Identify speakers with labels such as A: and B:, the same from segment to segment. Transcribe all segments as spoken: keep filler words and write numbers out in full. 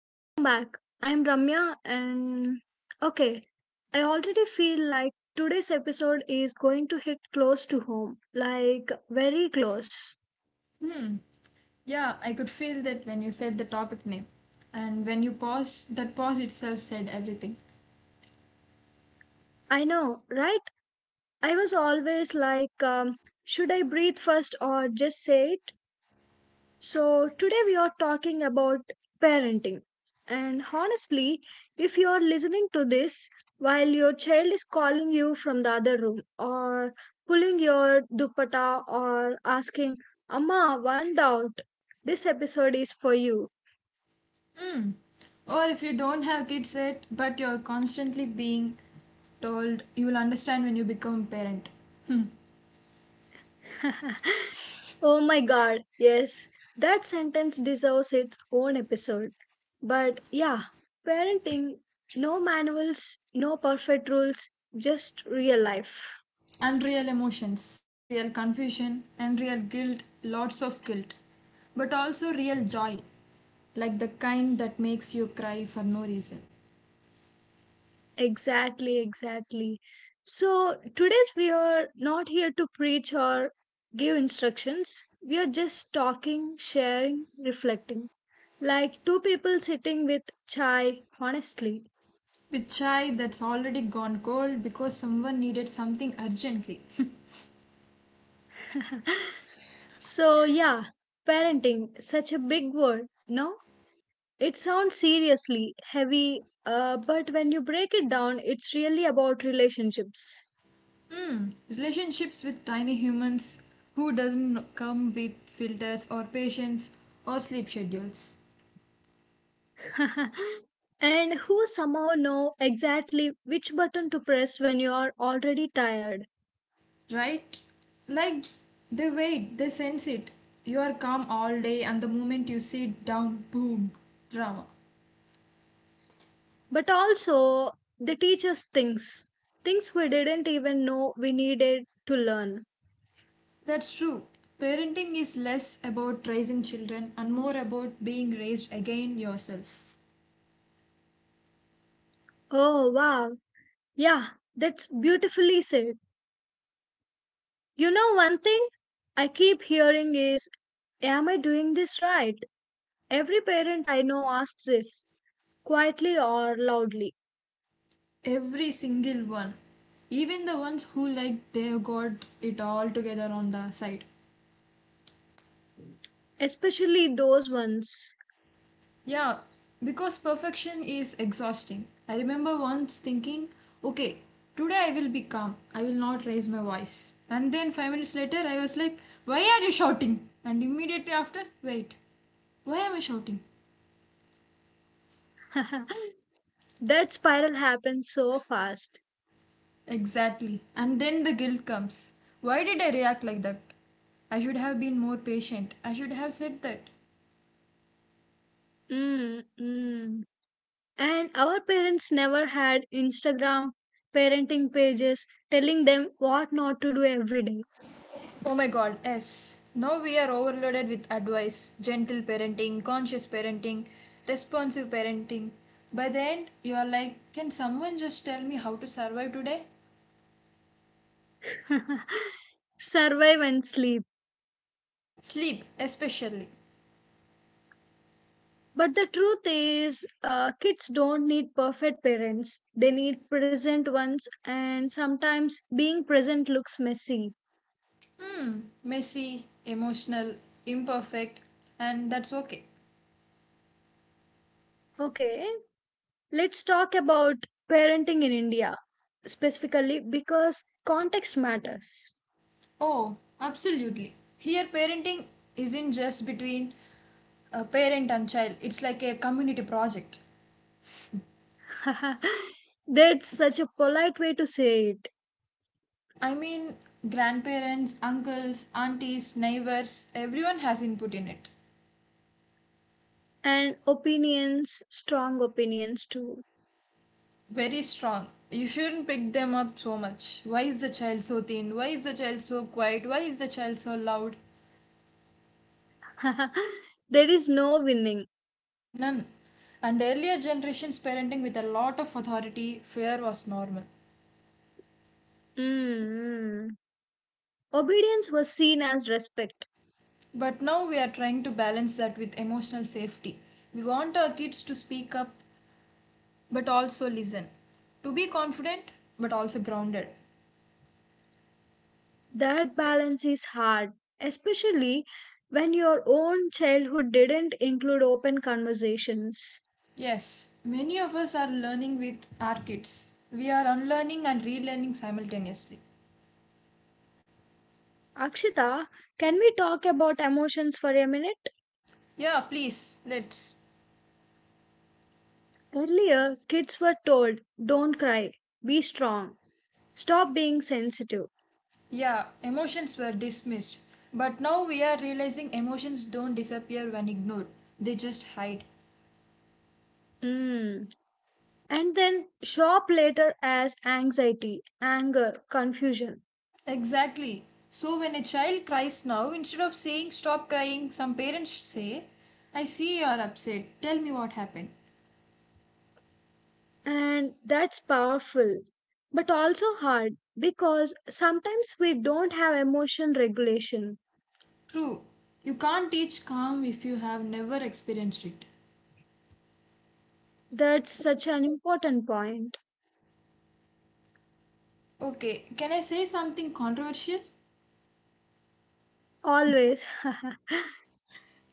A: welcome back. I am Ramya and okay, I already feel like today's episode is going to hit close to home, like very close.
B: Hmm. Yeah, I could feel that when you said the topic name. And when you pause, that pause itself said everything.
A: I know, right? I was always like, um, should I breathe first or just say it? So, today we are talking about parenting. And honestly, if you are listening to this while your child is calling you from the other room or pulling your dupatta or asking, Amma, one doubt, this episode is for you.
B: Or if you don't have kids yet, but you're constantly being told you will understand when you become a parent.
A: Oh my god, yes, that sentence deserves its own episode. But yeah, parenting, no manuals, no perfect rules, just real life.
B: Unreal emotions, unreal confusion, unreal guilt, lots of guilt. But also real joy, like the kind that makes you cry for no reason.
A: Exactly, exactly. So, today's we are not here to preach or give instructions. We are just talking, sharing, reflecting. Like two people sitting with chai, honestly.
B: With chai that's already gone cold because someone needed something urgently.
A: So, yeah, parenting, such a big word, no? It sounds seriously heavy, uh, but when you break it down, it's really about relationships.
B: Relationships with tiny humans who doesn't come with filters or patience or sleep schedules.
A: And who somehow know exactly which button to press when you are already tired.
B: Right? Like they wait, they sense it. You are calm all day and the moment you sit down, boom, drama.
A: But also, they teach us things, things we didn't even know we needed to learn.
B: That's true. Parenting is less about raising children and more about being raised again yourself.
A: Oh, wow. Yeah, that's beautifully said. You know, one thing I keep hearing is am I doing this right? Every parent I know asks this, quietly or loudly,
B: Every single one. Even the ones who like they've got it all together on the side.
A: especially those ones.
B: Yeah, because perfection is exhausting. I remember once thinking, okay, today I will be calm. I will not raise my voice. And then five minutes later, I was like, why are you shouting? And immediately after, wait, why am I shouting?
A: That spiral happens so fast.
B: Exactly. And then the guilt comes. Why did I react like that? I should have been more patient. I should have said that.
A: Mm, mm. And our parents never had Instagram parenting pages telling them what not to do every day.
B: Oh my god, yes. Now we are overloaded with advice gentle parenting, conscious parenting, responsive parenting. By the end, you are like, can someone just tell me how to survive today?
A: Survive and sleep.
B: Sleep, especially.
A: But the truth is, uh, kids don't need perfect parents. They need present ones, and sometimes being present looks messy.
B: Messy, emotional, imperfect, and that's okay.
A: Okay, let's talk about parenting in India specifically because context matters.
B: Oh, absolutely. Here, parenting isn't just between a parent and child, it's like a community project.
A: That's such a polite way to say it.
B: I mean, grandparents, uncles, aunties, neighbors, everyone has input in it.
A: And opinions, strong opinions too.
B: Very strong. You shouldn't pick them up so much. Why is the child so thin? Why is the child so quiet? Why is the child so loud?
A: There is no winning.
B: None. And earlier generations parenting with a lot of authority, fear was normal.
A: Mm. Obedience was seen as respect.
B: But now we are trying to balance that with emotional safety. We want our kids to speak up but also listen, to be confident but also grounded.
A: That balance is hard, especially when your own childhood didn't include open conversations.
B: Yes, many of us are learning with our kids. We are unlearning and relearning simultaneously.
A: Akshita, can we talk about emotions for a minute?
B: Yeah, please, let's.
A: Earlier kids were told don't cry, be strong, stop being sensitive.
B: Yeah, emotions were dismissed. But now we are realizing emotions don't disappear when ignored, they just hide.
A: Mm. And then show up later as anxiety, anger, confusion.
B: Exactly. So when a child cries now, instead of saying stop crying, some parents say, I see you are upset, tell me what happened.
A: And that's powerful, but also hard because sometimes we don't have emotion regulation.
B: True, you can't teach calm if you have never experienced it.
A: That's such an important point.
B: Okay, can I say something controversial?
A: Always.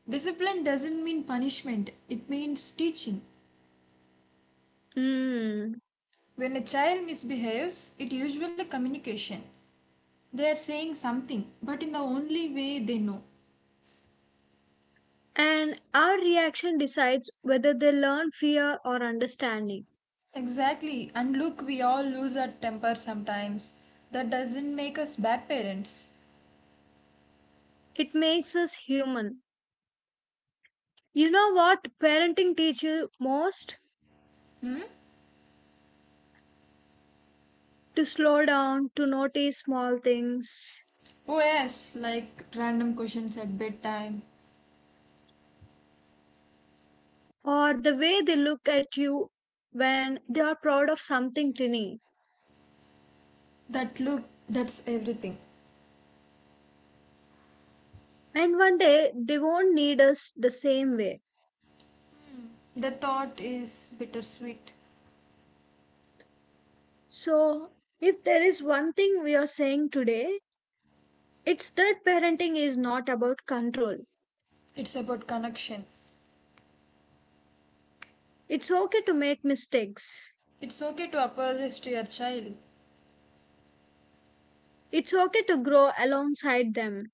B: Discipline doesn't mean punishment, it means teaching.
A: Mm.
B: When a child misbehaves, it usually communication. They are saying something, but in the only way they know.
A: And our reaction decides whether they learn fear or understanding.
B: Exactly, and look, we all lose our temper sometimes. That doesn't make us bad parents.
A: It makes us human. You know what parenting teaches you most? To slow down, to notice small things,
B: Oh, yes, like random questions at bedtime.
A: or the way they look at you when they are proud of something tiny.
B: That look, that's everything.
A: And one day they won't need us the same way.
B: The thought is bittersweet.
A: So, if there is one thing we are saying today, it's that parenting is not about control.
B: It's about connection.
A: It's okay to make mistakes,
B: It's okay to apologize to your child.
A: it's okay to grow alongside them.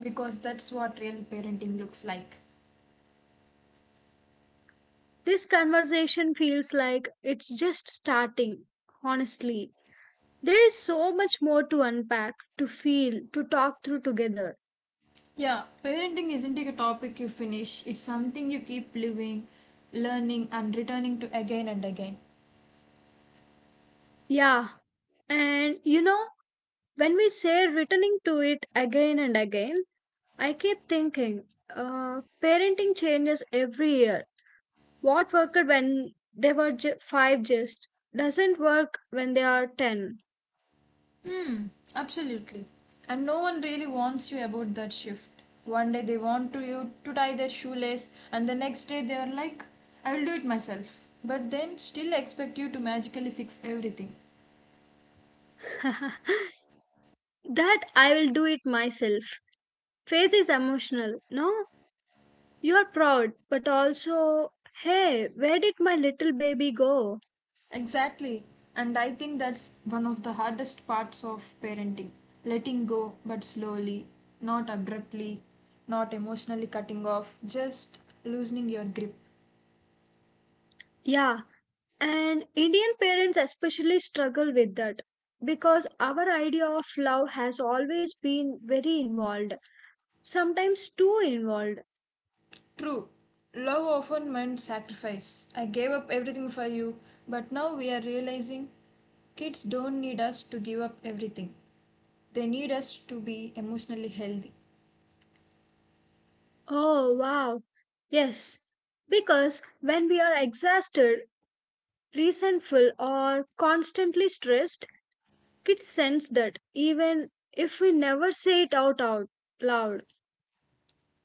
B: Because that's what real parenting looks like.
A: This conversation feels like it's just starting, honestly. There is so much more to unpack, to feel, to talk through together.
B: Yeah, parenting isn't a topic you finish, it's something you keep living, learning, and returning to again and again.
A: Yeah, and you know, when we say returning to it again and again, I keep thinking uh, parenting changes every year. What worked when they were ju- five just doesn't work when they are ten.
B: Hmm, absolutely. And no one really wants you about that shift. One day they want to you to tie their shoelace, and the next day they are like, I will do it myself. But then still expect you to magically fix everything.
A: That I will do it myself phase is emotional. No, you are proud, but also, hey, where did my little baby go?
B: Exactly. And I think that's one of the hardest parts of parenting letting go, but slowly, not abruptly, not emotionally cutting off, just loosening your grip.
A: Yeah, and Indian parents especially struggle with that because our idea of love has always been very involved, sometimes too involved.
B: True. Love often meant sacrifice. I gave up everything for you, but now we are realizing kids don't need us to give up everything. They need us to be emotionally healthy.
A: Oh, wow. Yes, because when we are exhausted, resentful, or constantly stressed, kids sense that even if we never say it out, out loud.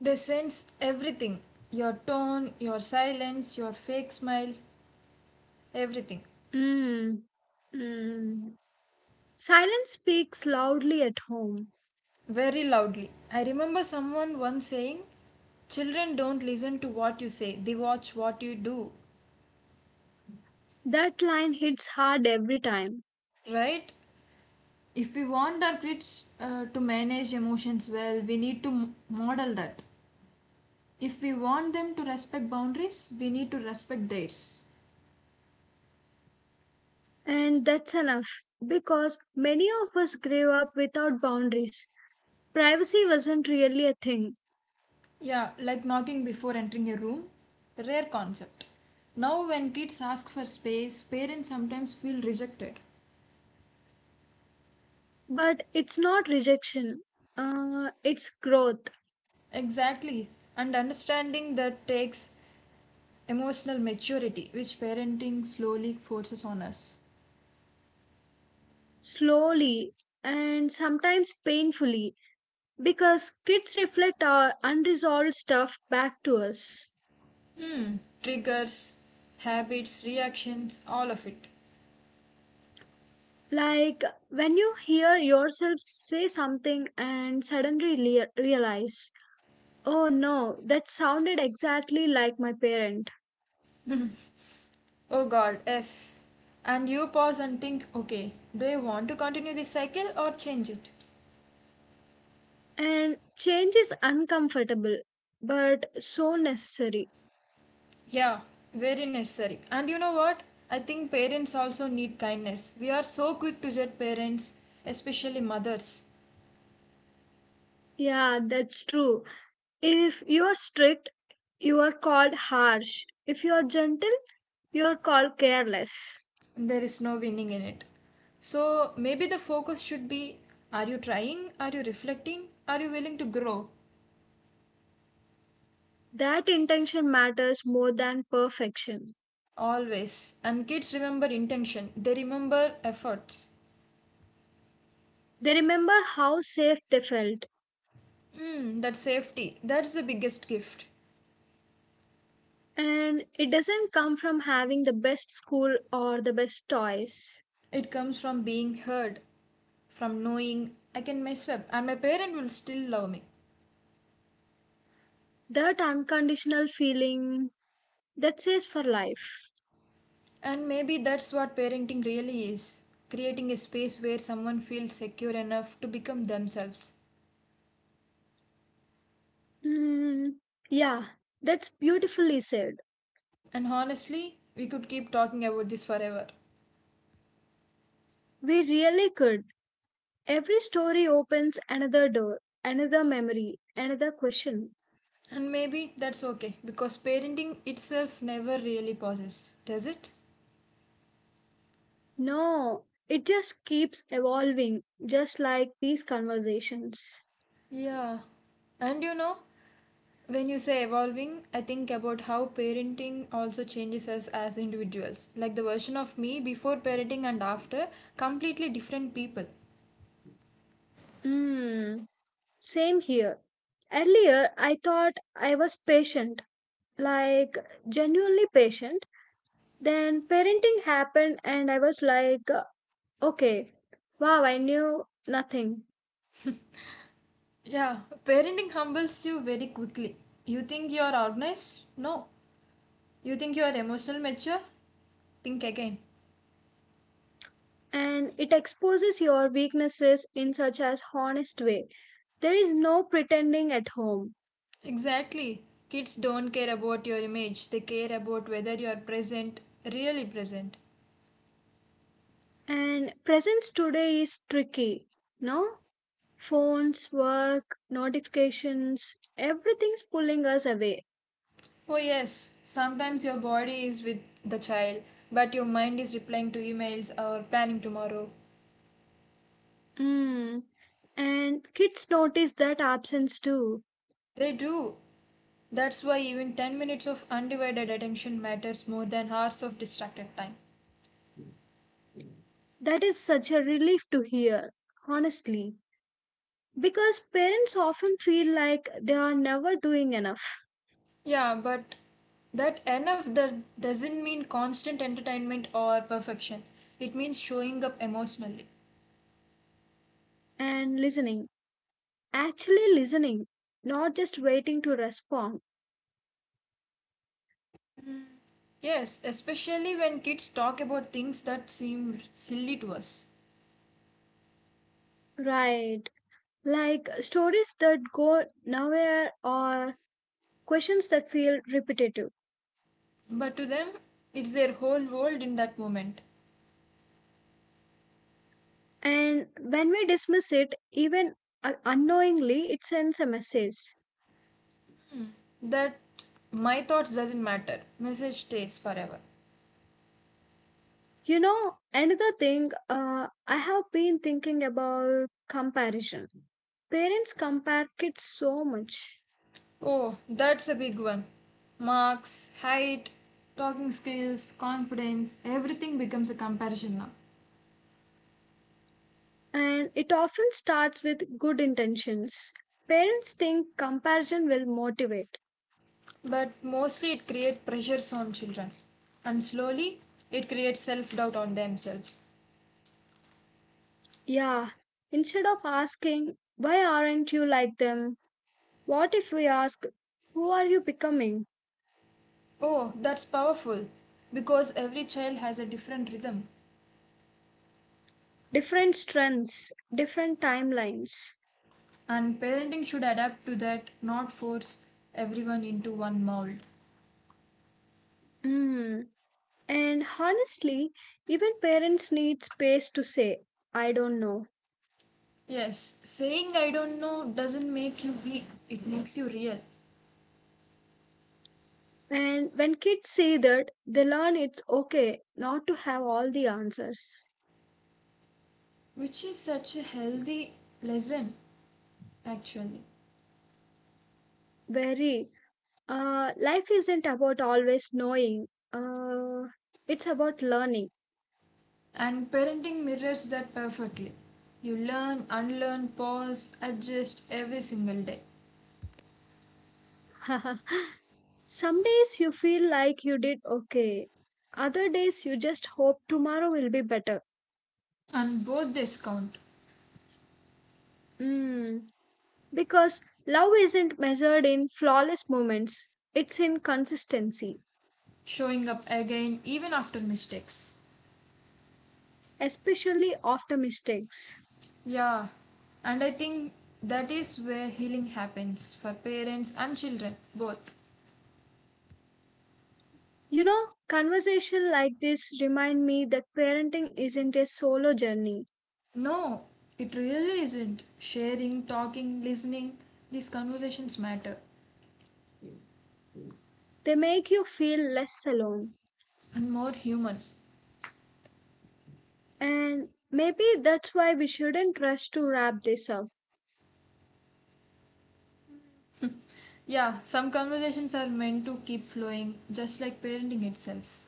B: They sense everything your tone, your silence, your fake smile, everything.
A: Mm, mm. Silence speaks loudly at home.
B: Very loudly. I remember someone once saying, Children don't listen to what you say, they watch what you do.
A: That line hits hard every time.
B: Right? If we want our kids uh, to manage emotions well, we need to m- model that. If we want them to respect boundaries, we need to respect theirs.
A: And that's enough because many of us grew up without boundaries. Privacy wasn't really a thing,
B: Yeah, like knocking before entering a room. A rare concept. Now, when kids ask for space, parents sometimes feel rejected.
A: but it's not rejection, uh, it's growth,
B: Exactly. And understanding that takes emotional maturity, which parenting slowly forces on us.
A: slowly and sometimes painfully because kids reflect our unresolved stuff back to us.
B: Triggers, habits, reactions, all of it.
A: Like when you hear yourself say something and suddenly lea- realize, oh no, that sounded exactly like my parents.
B: Oh god, yes. And you pause and think, okay, do I want to continue this cycle or change it?
A: And change is uncomfortable, but so necessary.
B: Yeah, very necessary. And you know what? I think parents also need kindness. We are so quick to judge parents, especially mothers.
A: Yeah, that's true. If you are strict, you are called harsh. If you are gentle, you are called careless.
B: There is no winning in it. So maybe the focus should be are you trying? Are you reflecting? Are you willing to grow?
A: That intention matters more than perfection.
B: Always. And kids remember intention, they remember efforts.
A: They remember how safe they felt,
B: Mm, that safety, that's the biggest gift.
A: and it doesn't come from having the best school or the best toys.
B: It comes from being heard, from knowing I can mess up and my parent will still love me.
A: That unconditional feeling that says for life.
B: And maybe that's what parenting really is creating a space where someone feels secure enough to become themselves.
A: Mm, yeah, that's beautifully said.
B: And honestly, we could keep talking about this forever.
A: We really could. Every story opens another door, another memory, another question.
B: And maybe that's okay because parenting itself never really pauses, does it?
A: No, it just keeps evolving, just like these conversations.
B: Yeah. And you know, when you say evolving, I think about how parenting also changes us as individuals. Like the version of me before parenting and after, completely different people.
A: Hmm, same here. Earlier, I thought I was patient, like genuinely patient. Then parenting happened, and I was like, okay, wow, I knew nothing.
B: Yeah, parenting humbles you very quickly. You think you are organized? No. You think you are emotional mature? Think again.
A: And it exposes your weaknesses in such as honest way. There is no pretending at home.
B: Exactly. Kids don't care about your image, they care about whether you are present, really present.
A: And presence today is tricky, no? Phones, work, notifications, everything's pulling us away.
B: Oh, yes, sometimes your body is with the child, but your mind is replying to emails or planning tomorrow.
A: Mm. And kids notice that absence too.
B: They do. That's why even ten minutes of undivided attention matters more than hours of distracted time.
A: That is such a relief to hear, honestly, because parents often feel like they are never doing enough.
B: Yeah, but that enough that doesn't mean constant entertainment or perfection. It means showing up emotionally.
A: And listening, actually listening, not just waiting to respond.
B: Yes, especially when kids talk about things that seem silly to us.
A: Right. Like stories that go nowhere or questions that feel repetitive.
B: But to them, it's their whole world in that moment.
A: And when we dismiss it, even uh, unknowingly, it sends a message.
B: That my thoughts doesn't matter message stays forever.
A: You know, another thing uh, I have been thinking about comparison. Parents compare kids so much,
B: Oh, that's a big one. Marks, height, talking skills, confidence, everything becomes a comparison now.
A: and it often starts with good intentions. Parents think comparison will motivate.
B: But mostly it creates pressures on children, and slowly it creates self-doubt on themselves.
A: Yeah, instead of asking, why aren't you like them? What if we ask, who are you becoming?
B: Oh, that's powerful because every child has a different rhythm.
A: Different strengths, different timelines.
B: And parenting should adapt to that, not force everyone into one mold.
A: Mm. And honestly, even parents need space to say, I don't know.
B: Yes, saying I don't know doesn't make you weak, it makes you real,
A: And when kids say that, they learn it's okay not to have all the answers.
B: which is such a healthy lesson actually.
A: Very. Uh, life isn't about always knowing, uh, it's about learning.
B: And parenting mirrors that perfectly. You learn, unlearn, pause, adjust every single day.
A: Some days you feel like you did okay. Other days you just hope tomorrow will be better.
B: And both this count,
A: Mm, because love isn't measured in flawless moments, it's in consistency,
B: showing up again even after mistakes.
A: especially after mistakes.
B: Yeah, and I think that is where healing happens for parents and children both.
A: You know, conversation like this remind me that parenting isn't a solo journey.
B: No, it really isn't. Sharing, talking, listening, these conversations matter
A: They make you feel less alone.
B: and more human.
A: And maybe that's why we shouldn't rush to wrap this up.
B: Yeah, some conversations are meant to keep flowing, just like parenting itself.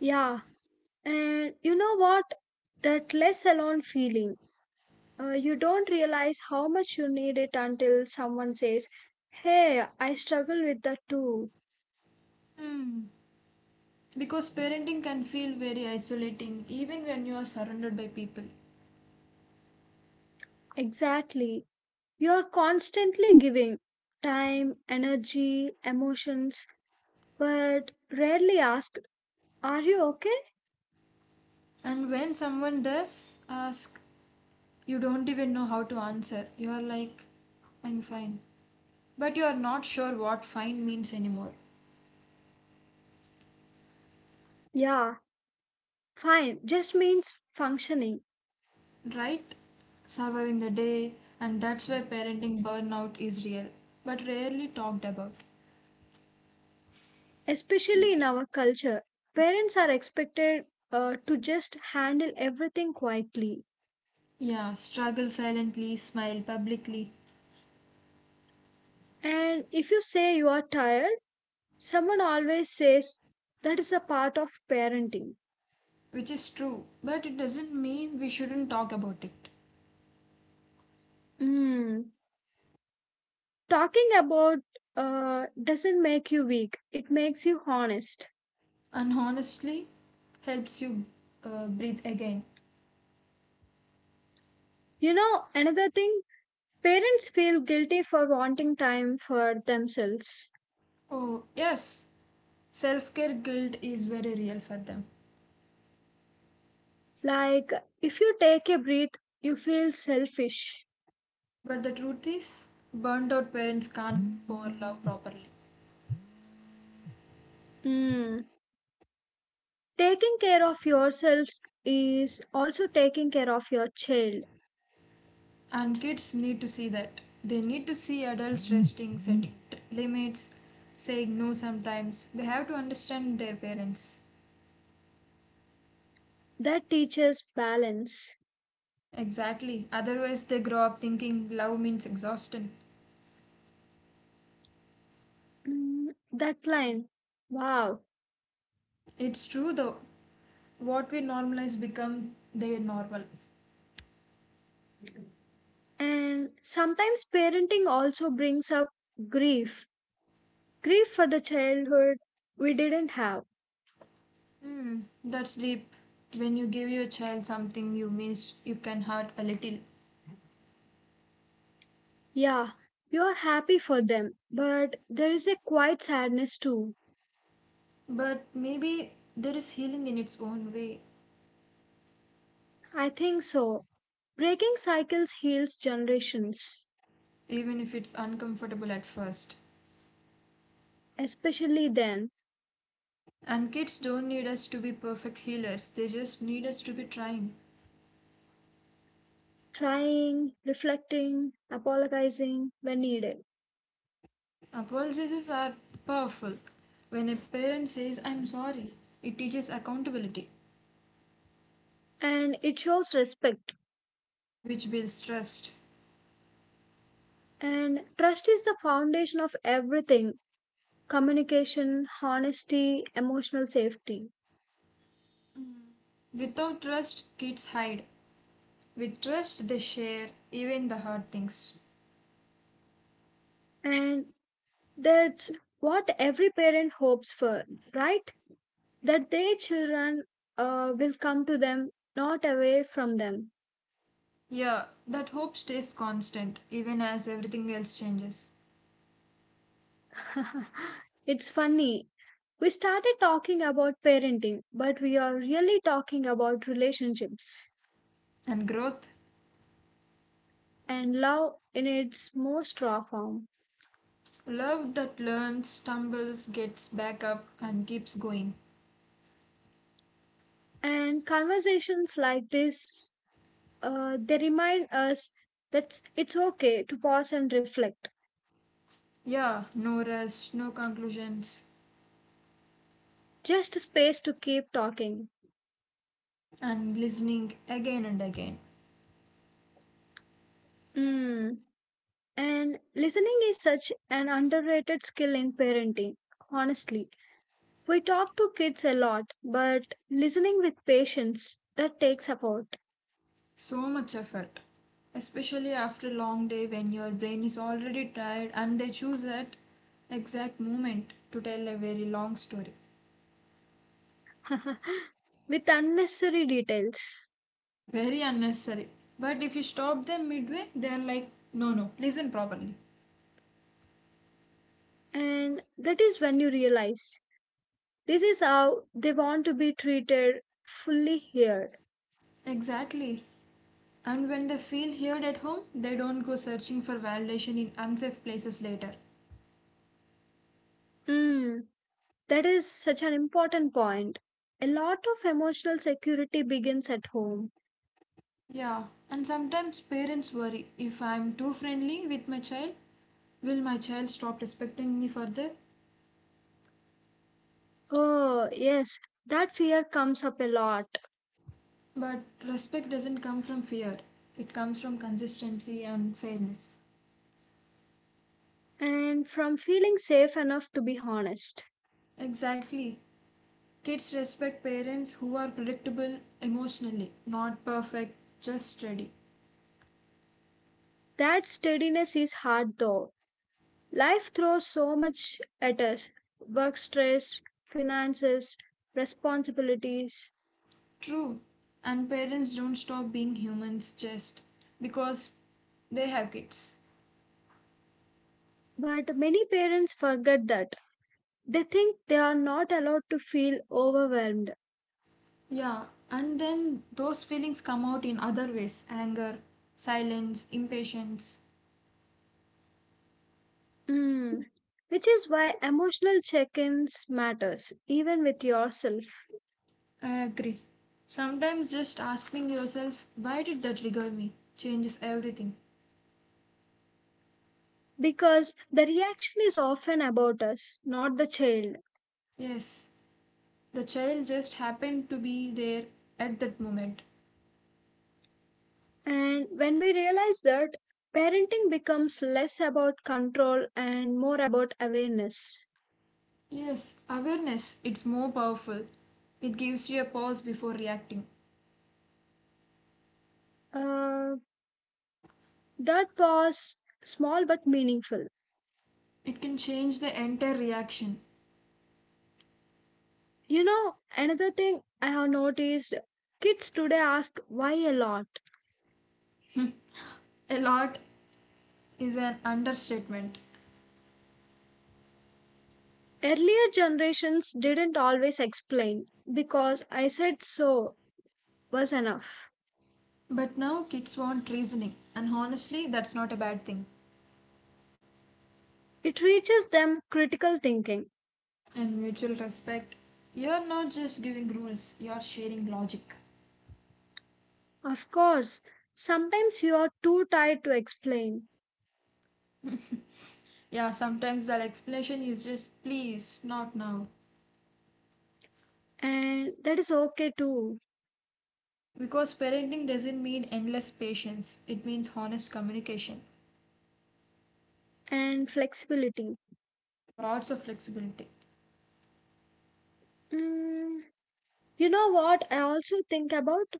A: Yeah, and you know what? That less alone feeling. Uh, you don't realize how much you need it until someone says, hey, I struggle with that too.
B: Because parenting can feel very isolating even when you are surrounded by people.
A: Exactly. You are constantly giving time, energy, emotions, but rarely asked, are you okay?
B: And when someone does ask, you don't even know how to answer. You are like, I'm fine. But you are not sure what fine means anymore.
A: Yeah, fine just means functioning,
B: Right? Surviving the day, and that's why parenting burnout is real, but rarely talked about.
A: especially in our culture. Parents are expected uh, to just handle everything quietly.
B: Yeah, struggle silently, smile publicly,
A: And if you say you are tired, someone always says that is a part of parenting.
B: which is true, but it doesn't mean we shouldn't talk about it.
A: Mm. Talking about uh, doesn't make you weak, it makes you honest.
B: And honestly, helps you uh, breathe again.
A: You know, another thing, parents feel guilty for wanting time for themselves.
B: Oh, yes, self care guilt is very real for them.
A: Like, if you take a breath, you feel selfish.
B: But the truth is, burned out parents can't pour love properly.
A: Mm. Taking care of yourselves is also taking care of your child.
B: And kids need to see that. They need to see adults resting, setting t- limits, saying no sometimes. They have to understand their parents.
A: That teaches balance.
B: Exactly. Otherwise, they grow up thinking love means exhaustion.
A: Mm, that line. Wow.
B: It's true though. What we normalize become their normal.
A: And sometimes parenting also brings up grief. Grief for the childhood we didn't have.
B: Hmm, that's deep. When you give your child something you missed, you can hurt a little.
A: Yeah, you are happy for them, but there is a quiet sadness too.
B: But maybe there is healing in its own way,
A: I think so. Breaking cycles heals generations,
B: even if it's uncomfortable at first.
A: especially then,
B: And kids don't need us to be perfect healers, they just need us to be trying.
A: trying, reflecting, apologizing when needed.
B: Apologies are powerful. When a parent says, I'm sorry, it teaches accountability,
A: And it shows respect.
B: which builds trust.
A: And trust is the foundation of everything, communication, honesty, emotional safety.
B: Without trust, kids hide. With trust, they share even the hard things.
A: And that's what every parent hopes for, right? That their children uh, will come to them, not away from them.
B: Yeah, that hope stays constant even as everything else changes.
A: It's funny. We started talking about parenting, but we are really talking about relationships
B: And growth?
A: and love in its most raw form.
B: Love that learns, stumbles, gets back up, and keeps going.
A: And conversations like this, Uh, they remind us that it's okay to pause and reflect,
B: Yeah, no rush, no conclusions.
A: just space to keep talking.
B: And glistening again and again.
A: Mm. And listening is such an underrated skill in parenting, honestly. We talk to kids a lot, but listening with patience, that takes effort.
B: So much effort. Especially after a long day when your brain is already tired and they choose that exact moment to tell a very long story.
A: With unnecessary details.
B: Very unnecessary. But if you stop them midway, they are like, no, no, listen properly.
A: And that is when you realize this is how they want to be treated, fully here.
B: Exactly. And when they feel heard at home, they don't go searching for validation in unsafe places later.
A: Mm. That is such an important point. A lot of emotional security begins at home.
B: Yeah, and sometimes parents worry if I'm too friendly with my child, will my child stop respecting me further?
A: Oh, yes, that fear comes up a lot.
B: But respect doesn't come from fear, it comes from consistency and fairness.
A: And from feeling safe enough to be honest.
B: Exactly. Kids respect parents who are predictable emotionally, not perfect, just steady.
A: That steadiness is hard though. Life throws so much at us, work stress, finances, responsibilities.
B: True. And parents don't stop being humans just because they have kids.
A: But many parents forget that. They think they are not allowed to feel overwhelmed.
B: Yeah, and then those feelings come out in other ways anger, silence, impatience.
A: Mm, which is why emotional check-ins matters even with yourself,
B: I agree. Sometimes just asking yourself, why did that trigger me, changes everything.
A: because the reaction is often about us, not the child.
B: Yes, the child just happened to be there at that moment.
A: And when we realize that, parenting becomes less about control and more about awareness.
B: Yes, awareness, it's more powerful. It gives you a pause before reacting.
A: uh, that was small but meaningful.
B: It can change the entire reaction.
A: You know, another thing I have noticed, kids today ask why a lot.
B: A lot is an understatement.
A: Earlier generations didn't always explain, because I said so was enough.
B: But now kids want reasoning, and honestly, that's not a bad thing.
A: It reaches them critical thinking.
B: And mutual respect. You're not just giving rules, you're sharing logic.
A: Of course, sometimes you are too tired to explain,
B: Yeah, sometimes that explanation is just please, not now.
A: and that is okay too.
B: Because parenting doesn't mean endless patience, it means honest communication,
A: And flexibility.
B: lots of flexibility.
A: Mm, you know what? I also think about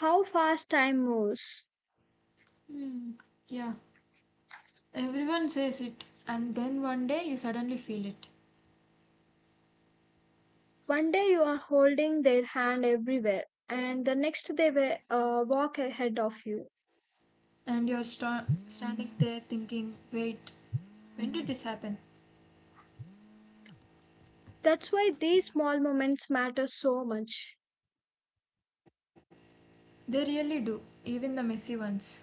A: how fast time moves.
B: Yeah, everyone says it, and then one day you suddenly feel it.
A: One day you are holding their hand everywhere, and the next they will uh, walk ahead of you.
B: And you're sta- standing there thinking, wait, when did this happen?
A: That's why these small moments matter so much,
B: They really do, even the messy ones.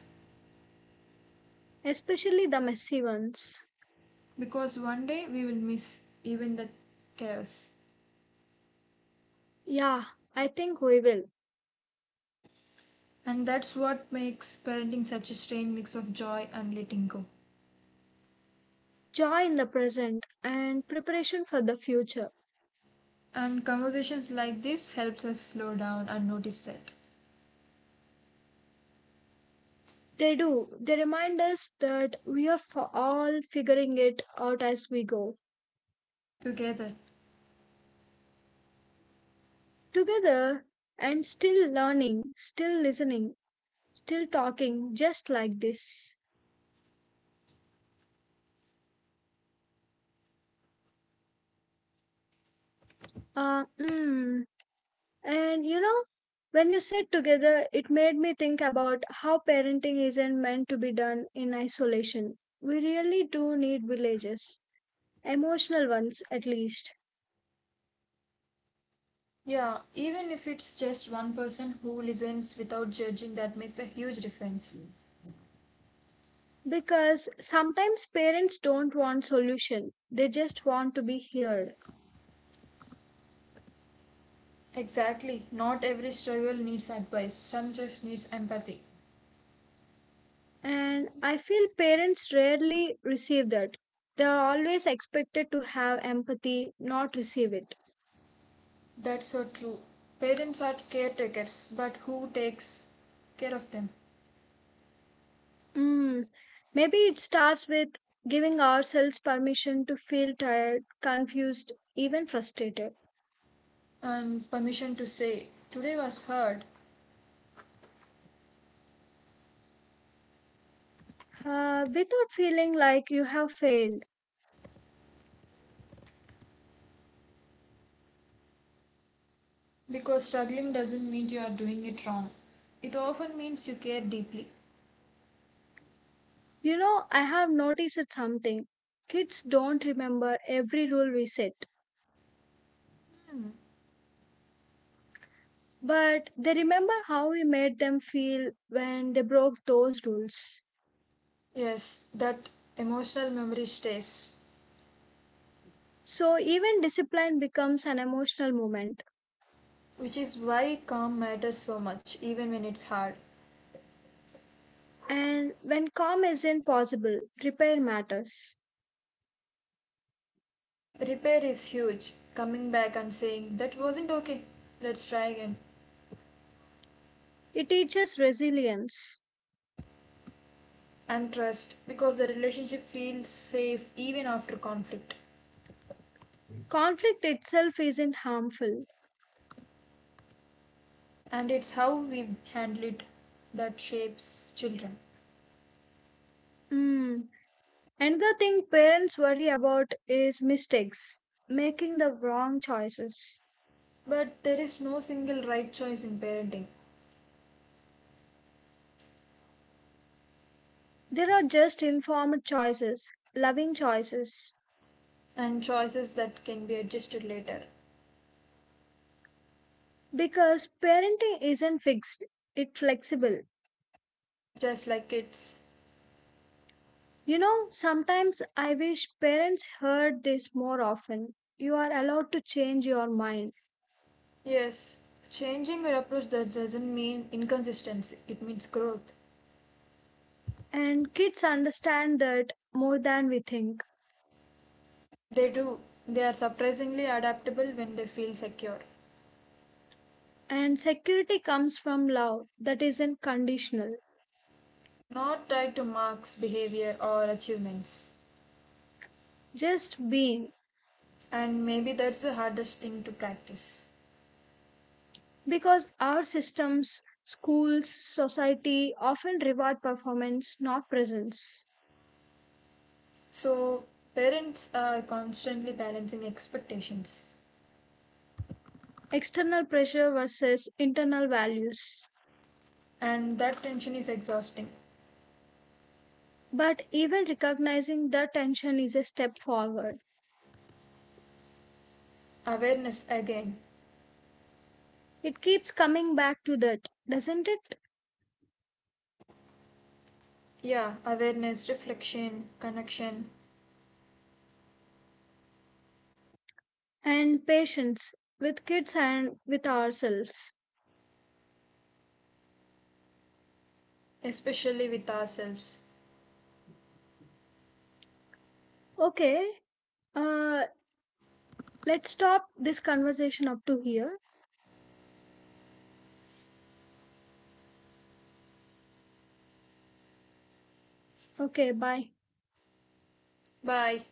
A: especially the messy ones.
B: Because one day we will miss even the chaos.
A: Yeah, I think we will.
B: And that's what makes parenting such a strange mix of joy and letting go.
A: Joy in the present and preparation for the future.
B: And conversations like this helps us slow down and notice that
A: They do. They remind us that we are for all figuring it out as we go.
B: together.
A: Together, and still learning, still listening, still talking just like this. Uh, mm, And you know, when you said together, it made me think about how parenting isn't meant to be done in isolation. We really do need villages, emotional ones at least.
B: Yeah, even if it's just one person who listens without judging that makes a huge difference.
A: Because sometimes parents don't want solution, they just want to be heard.
B: Exactly. Not every struggle needs advice. Some just needs empathy.
A: And I feel parents rarely receive that. They are always expected to have empathy, not receive it.
B: That's so true. Parents are caretakers, but who takes care of them?
A: Mm, maybe it starts with giving ourselves permission to feel tired, confused, even frustrated,
B: And permission to say, today was hard,
A: uh, without feeling like you have failed.
B: because struggling doesn't mean you are doing it wrong. It often means you care deeply.
A: You know, I have noticed it something. Kids don't remember every rule we set, but they remember how we made them feel when they broke those rules.
B: Yes, that emotional memory stays,
A: So even discipline becomes an emotional moment.
B: which is why calm matters so much, even when it's hard.
A: And when calm isn't possible, repair matters.
B: Repair is huge, coming back and saying, That wasn't okay, let's try again.
A: It teaches resilience.
B: And trust, because the relationship feels safe even after conflict.
A: Conflict itself isn't harmful.
B: And it's how we handle it that shapes children.
A: Mm. Another thing parents worry about is mistakes, making the wrong choices.
B: But there is no single right choice in parenting,
A: There are just informed choices, loving choices.
B: and choices that can be adjusted later,
A: Because parenting isn't fixed, it's flexible.
B: just like kids.
A: You know, sometimes I wish parents heard this more often. You are allowed to change your mind,
B: Yes, changing your approach that doesn't mean inconsistency, it means growth.
A: and kids understand that more than we think.
B: They do, they are surprisingly adaptable when they feel secure,
A: And security comes from love that isn't conditional,
B: not tied to marks, behavior, or achievements.
A: just being,
B: And maybe that's the hardest thing to practice.
A: because our systems, schools, society often reward performance, not presence.
B: So, parents are constantly balancing expectations,
A: External pressure versus internal values,
B: and that tension is exhausting.
A: but even recognizing that tension is a step forward.
B: Awareness again.
A: It keeps coming back to that, doesn't it?
B: Yeah, awareness, reflection, connection,
A: And patience with kids and with ourselves.
B: especially with ourselves.
A: Okay, uh let's stop this conversation up to here. Okay, bye.
B: Bye.